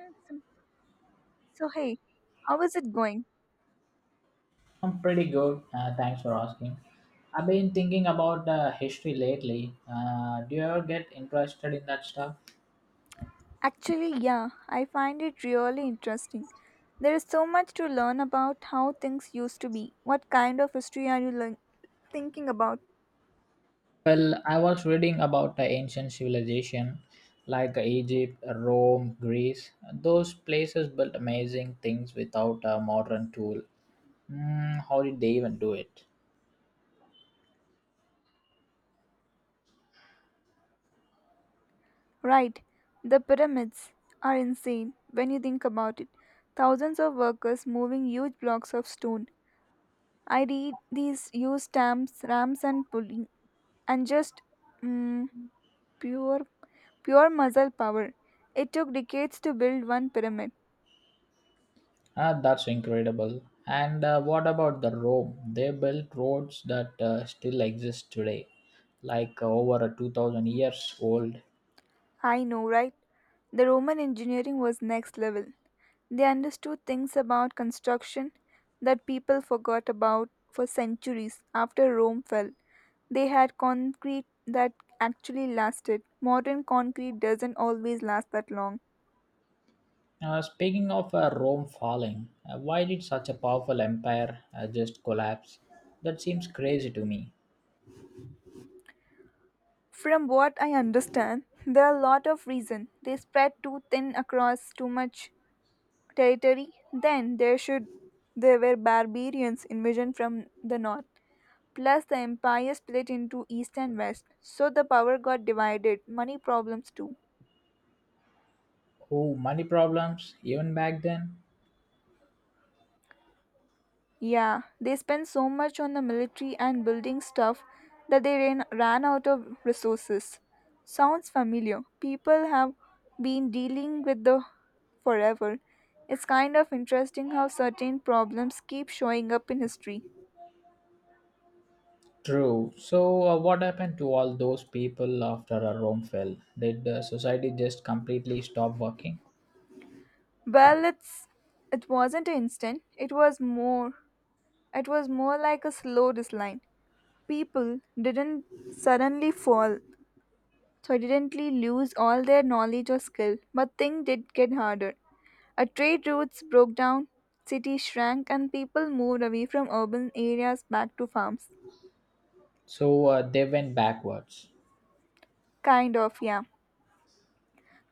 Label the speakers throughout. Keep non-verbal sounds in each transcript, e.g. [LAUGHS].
Speaker 1: Awesome. So, hey, how is it going?
Speaker 2: I'm pretty good. Thanks for asking. I've been thinking about the history lately. Do you ever get interested in that stuff?
Speaker 1: Actually, yeah, I find it really interesting. There is so much to learn about how things used to be. What kind of history are you thinking about?
Speaker 2: Well, I was reading about the ancient civilization like Egypt, Rome, Greece. Those places built amazing things without a modern tool. Mm, how did they even do it?
Speaker 1: Right, the pyramids are insane when you think about it. Thousands of workers moving huge blocks of stone. I read these used stamps, ramps, and pulley, and just mm, pure, pure muscle power. It took decades to build one pyramid.
Speaker 2: Ah, that's incredible. And what about the Rome? They built roads that still exist today, like over a 2,000 years old.
Speaker 1: I know, right? The Roman engineering was next level. They understood things about construction that people forgot about for centuries after Rome fell. They had concrete that actually lasted. Modern concrete doesn't always last that long.
Speaker 2: Speaking of Rome falling, why did such a powerful empire just collapse? That seems crazy to me.
Speaker 1: From what I understand, there are a lot of reasons. They spread too thin across too much territory. Then there were barbarians invasion from the north. Plus, the empire split into east and west, so the power got divided. Money problems too.
Speaker 2: Oh, money problems, even back then?
Speaker 1: Yeah, they spent so much on the military and building stuff that they ran out of resources. Sounds familiar. People have been dealing with the forever. It's kind of interesting how certain problems keep showing up in history.
Speaker 2: True. So what happened to all those people after Rome fell? Did society just completely stop working?
Speaker 1: Well, it wasn't instant. It was more like a slow decline. People didn't suddenly fall, so didn't lose all their knowledge or skill, but things did get harder. A trade routes broke down, cities shrank, and people moved away from urban areas back to farms.
Speaker 2: So they went backwards.
Speaker 1: Kind of, yeah.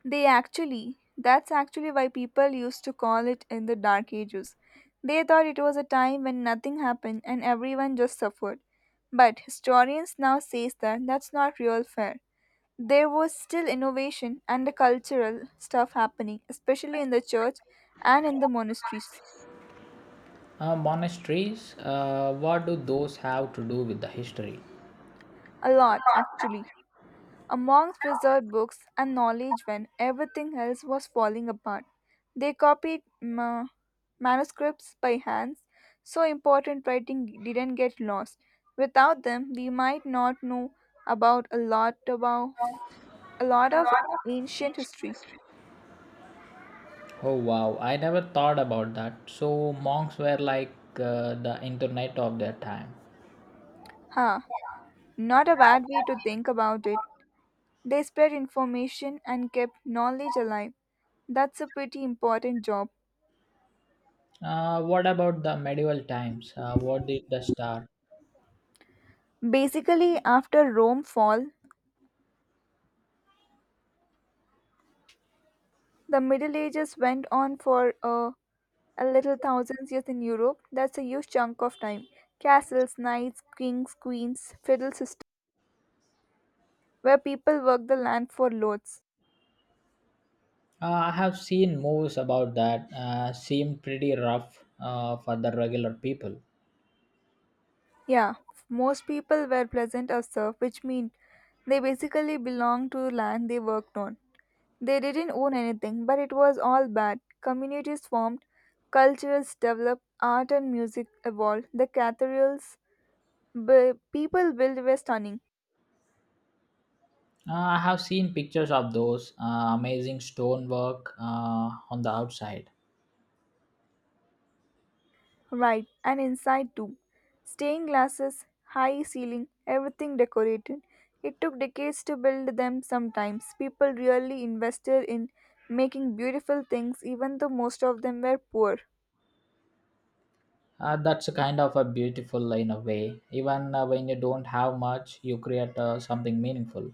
Speaker 1: That's actually why people used to call it in the Dark Ages. They thought it was a time when nothing happened and everyone just suffered. But historians now says that that's not real fair. There was still innovation and the cultural stuff happening, especially in the church and in the monasteries.
Speaker 2: Monasteries, what do those have to do with the history?
Speaker 1: A lot, actually. A monks preserved books and knowledge when everything else was falling apart. They copied manuscripts by hands, so important writing didn't get lost. Without them, we might not know about a lot of ancient history.
Speaker 2: Oh wow, I never thought about that. So monks were like the internet of their time.
Speaker 1: Huh, not a bad way to think about it. They spread information and kept knowledge alive. That's a pretty important job.
Speaker 2: What about the medieval times? What did the star?
Speaker 1: Basically, after Rome fall, the Middle Ages went on for a little thousands years in Europe. That's a huge chunk of time. Castles, knights, kings, queens, feudal system, where people worked the land for lords.
Speaker 2: I have seen movies about that. Seemed pretty rough for the regular people.
Speaker 1: Yeah, most people were peasant or serf, which means they basically belonged to land they worked on. They didn't own anything, but it was all bad. Communities formed, cultures developed, art and music evolved. The cathedrals people built were stunning,
Speaker 2: I have seen pictures of those amazing stonework on the outside.
Speaker 1: right, and inside too. Stained glasses, high ceiling, everything decorated. It took decades to build them sometimes. People really invested in making beautiful things, even though most of them were poor.
Speaker 2: That's a kind of a beautiful in a way. Even when you don't have much, you create something meaningful.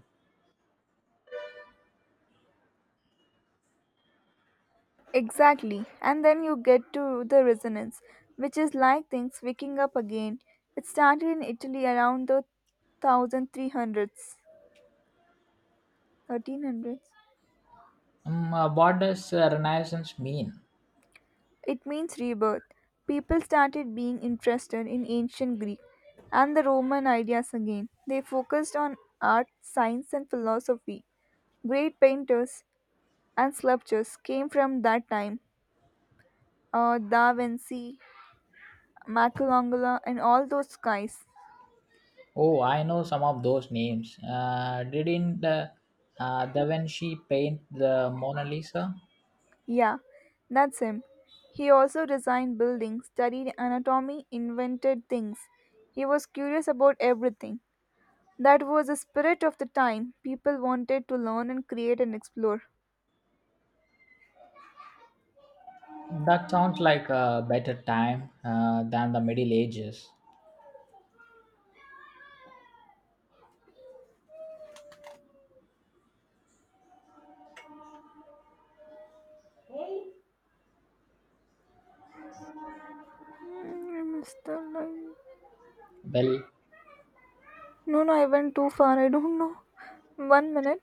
Speaker 1: Exactly. And then you get to the resonance, which is like things waking up again. It started in Italy around the 1300s. 1300s?
Speaker 2: What does Renaissance mean?
Speaker 1: It means rebirth. People started being interested in ancient Greek and the Roman ideas again. They focused on art, science, and philosophy. Great painters and sculptors came from that time. Da Vinci, Michelangelo, and all those guys.
Speaker 2: Oh, I know some of those names. Didn't Da Vinci paint the Mona Lisa?
Speaker 1: Yeah, that's him. He also designed buildings, studied anatomy, invented things. He was curious about everything. That was the spirit of the time. People wanted to learn and create and explore.
Speaker 2: That sounds like a better time than the Middle Ages.
Speaker 1: I miss the line.
Speaker 2: Well,
Speaker 1: No, no, I went too far. I don't know. One minute.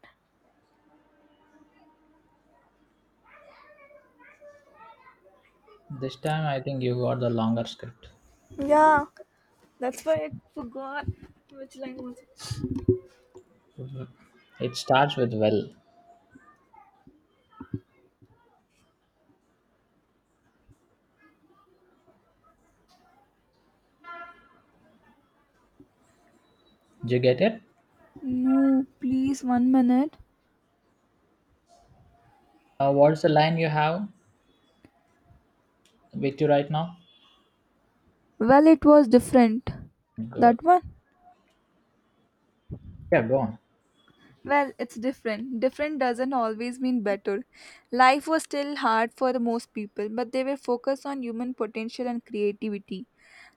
Speaker 2: this time I think you got the longer script.
Speaker 1: Yeah, that's why I forgot which line was it.
Speaker 2: It starts with well. Did you get it?
Speaker 1: No, please, one minute.
Speaker 2: What's the line you have with you right now?
Speaker 1: Well, it was different.
Speaker 2: Good.
Speaker 1: That one?
Speaker 2: Yeah, go on.
Speaker 1: Well, it's different. Different doesn't always mean better. Life was still hard for most people, but they were focused on human potential and creativity.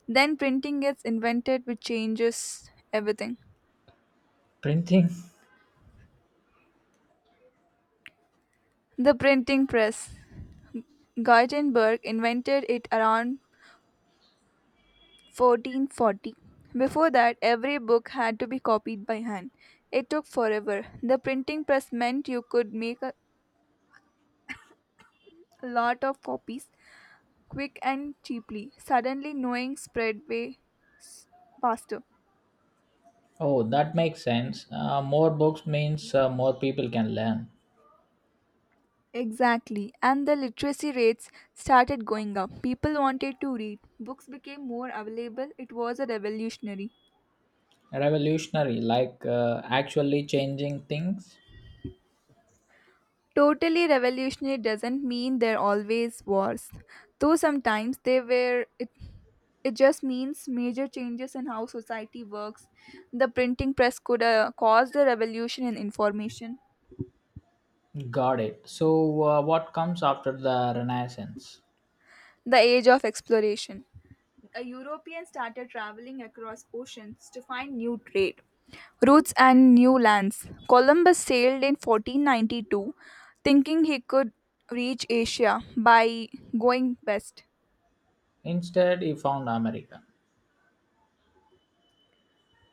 Speaker 1: Then printing gets invented, which changes everything.
Speaker 2: Printing. [LAUGHS]
Speaker 1: The printing press. Gutenberg invented it around 1440. Before that, every book had to be copied by hand. It took forever. The printing press meant you could make a lot of copies quick and cheaply. Suddenly, knowing spread way s- faster.
Speaker 2: Oh, that makes sense. More books means more people can learn.
Speaker 1: Exactly, and the literacy rates started going up. People wanted to read, books became more available. It was a revolutionary.
Speaker 2: Revolutionary like actually changing things
Speaker 1: Totally revolutionary doesn't mean there always was, though sometimes they were. It just means major changes in how society works. The printing press could caused a revolution in information,
Speaker 2: got it so what comes after the renaissance
Speaker 1: the age of exploration. A European started traveling across oceans to find new trade routes and new lands. Columbus sailed in 1492 thinking he could reach Asia by going west.
Speaker 2: instead he found america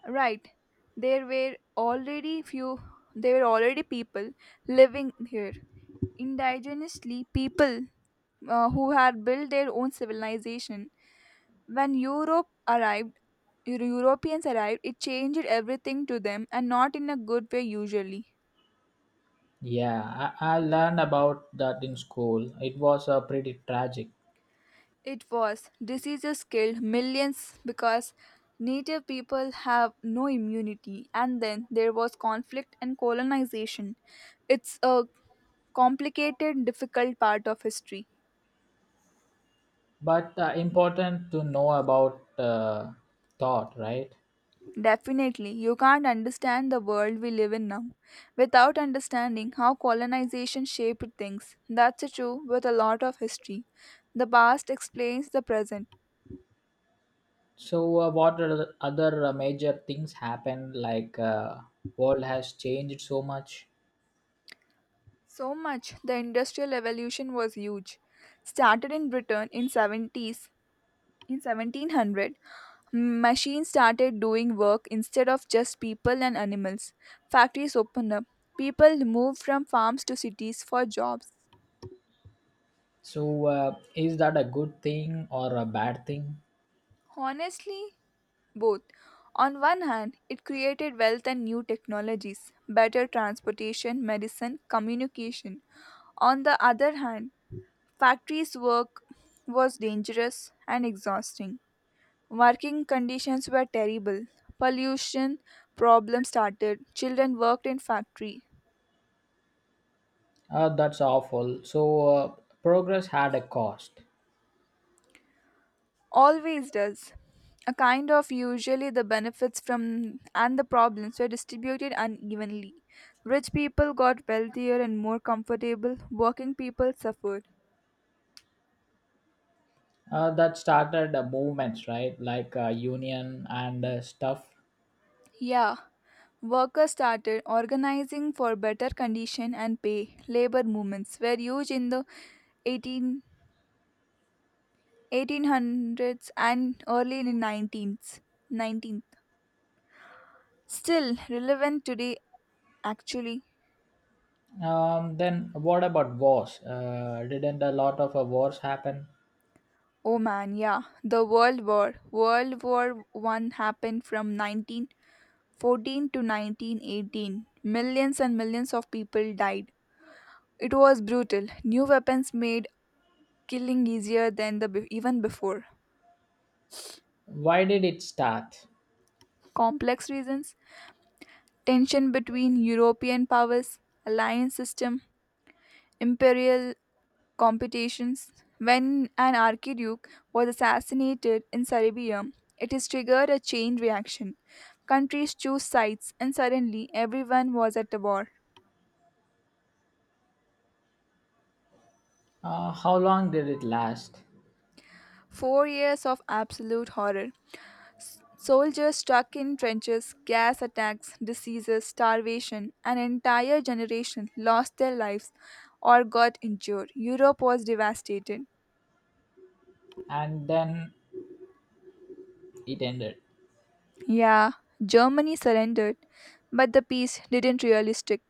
Speaker 1: Right. There were already few there were already people living here. Indigenously people who had built their own civilization. When Europeans arrived, it changed everything to them and not in a good way usually.
Speaker 2: yeah I learned about that in school it was pretty tragic
Speaker 1: It was diseases killed millions because native people have no immunity and then there was conflict and colonization. It's a complicated difficult part of history.
Speaker 2: but important to know about thought right
Speaker 1: Definitely, you can't understand the world we live in now without understanding how colonization shaped things. That's true with a lot of history. The past explains the present.
Speaker 2: so what are the other major things happened like world has changed so much
Speaker 1: So much the industrial revolution was huge. Started in Britain in 1700. Machines started doing work instead of just people and animals. Factories opened up. People moved from farms to cities for jobs.
Speaker 2: so is that a good thing or a bad thing.
Speaker 1: Honestly, both. On one hand, it created wealth and new technologies, better transportation, medicine, communication. On the other hand, factories work was dangerous and exhausting. Working conditions were terrible. Pollution problems started. Children worked in factory.
Speaker 2: That's awful. So progress had a cost.
Speaker 1: Always does. A kind of usually the benefits from and the problems were distributed unevenly. Rich people got wealthier and more comfortable. Working people suffered.
Speaker 2: That started movements, right? Like union and stuff.
Speaker 1: Yeah, workers started organizing for better condition and pay. Labor movements were huge in the eighteen eighteen hundreds and early in the 19th, still relevant today actually.
Speaker 2: Then, what about wars? Didn't a lot of wars happen?
Speaker 1: Oh man, yeah. The World War. World War I happened from 1914 to 1918. Millions and millions of people died. It was brutal. New weapons made killing easier than even before.
Speaker 2: Why did it start?
Speaker 1: Complex reasons: tension between European powers, alliance system, imperial competitions. When an archduke was assassinated in Serbia, it has triggered a chain reaction. Countries choose sides, and suddenly everyone was at the war.
Speaker 2: How long did it last?
Speaker 1: 4 years of absolute horror. Soldiers stuck in trenches, gas attacks, diseases, starvation, an entire generation lost their lives or got injured. Europe was devastated.
Speaker 2: And then it ended.
Speaker 1: Yeah, Germany surrendered, but the peace didn't really stick.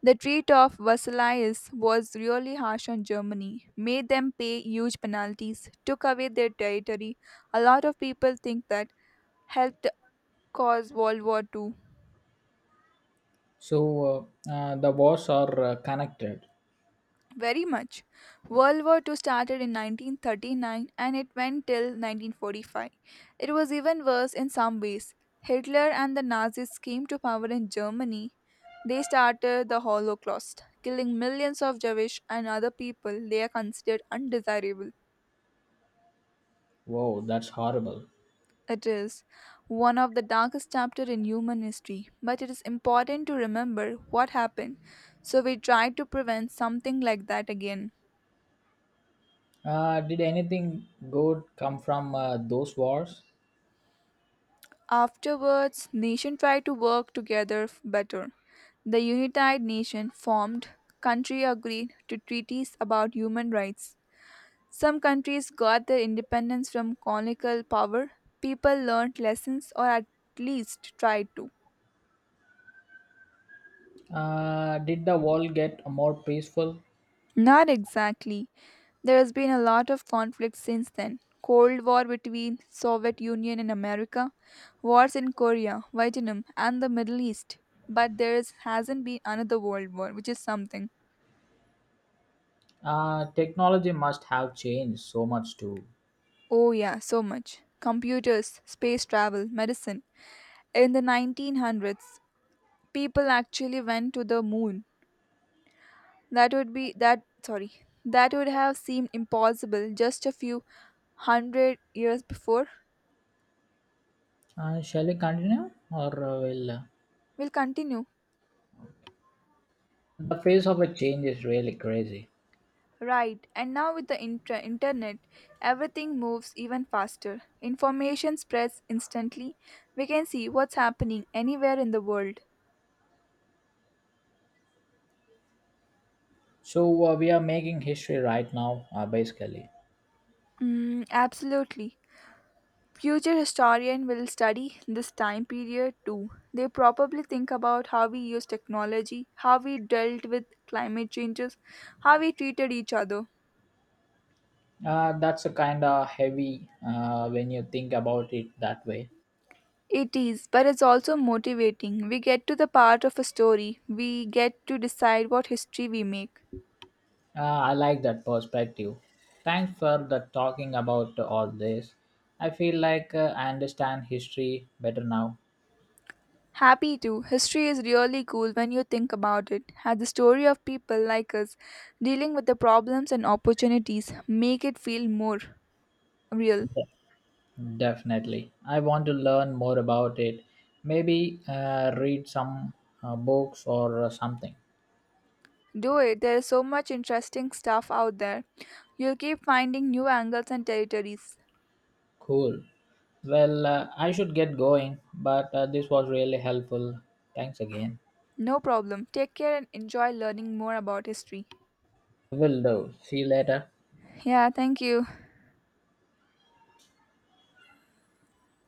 Speaker 1: The treat of Versailles was really harsh on Germany, made them pay huge penalties, took away their territory. A lot of people think that helped cause World War II.
Speaker 2: So the wars are connected.
Speaker 1: Very much. World War II started in 1939 and it went till 1945. It was even worse in some ways. Hitler and the Nazis came to power in Germany. They started the Holocaust, killing millions of Jewish and other people they are considered undesirable.
Speaker 2: Wow, that's horrible.
Speaker 1: It is one of the darkest chapters in human history, but it is important to remember what happened, so we try to prevent something like that again.
Speaker 2: Did anything good come from those wars?
Speaker 1: Afterwards, nations tried to work together better. The United Nations formed, country agreed to treaties about human rights. Some countries got their independence from colonial power. People learned lessons or at least tried to.
Speaker 2: Did the world get more peaceful?
Speaker 1: Not exactly. There has been a lot of conflict since then. Cold War between Soviet Union and America, wars in Korea, Vietnam, and the Middle East. But hasn't been another world war, which is something.
Speaker 2: Technology must have changed so much too.
Speaker 1: Oh yeah, so much. Computers, space travel, medicine. In the 1900s, people actually went to the moon. That would be that. Sorry. That would have seemed impossible just a few hundred years before.
Speaker 2: Shall we continue or will
Speaker 1: We'll continue.
Speaker 2: the pace of a change is really crazy.
Speaker 1: Right, and now with the internet, everything moves even faster. Information spreads instantly. We can see what's happening anywhere in the world.
Speaker 2: So we are making history right now, basically.
Speaker 1: Absolutely. Future historian will study this time period too. They probably think about how we use technology, how we dealt with climate changes, how we treated each other.
Speaker 2: That's a kind of heavy when you think about it that way.
Speaker 1: It is, but it's also motivating. We get to the part of a story. We get to decide what history we make.
Speaker 2: I like that perspective. Thanks for the talking about all this. I feel like I understand history better now.
Speaker 1: Happy too. History is really cool when you think about it. Had the story of people like us dealing with the problems and opportunities make it feel more real.
Speaker 2: Definitely. I want to learn more about it. Maybe read some books or something.
Speaker 1: Do it. There is so much interesting stuff out there. You'll keep finding new angles and territories.
Speaker 2: Cool. Well, I should get going, but this was really helpful. Thanks again.
Speaker 1: No problem. Take care and enjoy learning more about history.
Speaker 2: Will do. See you later.
Speaker 1: Yeah, thank you.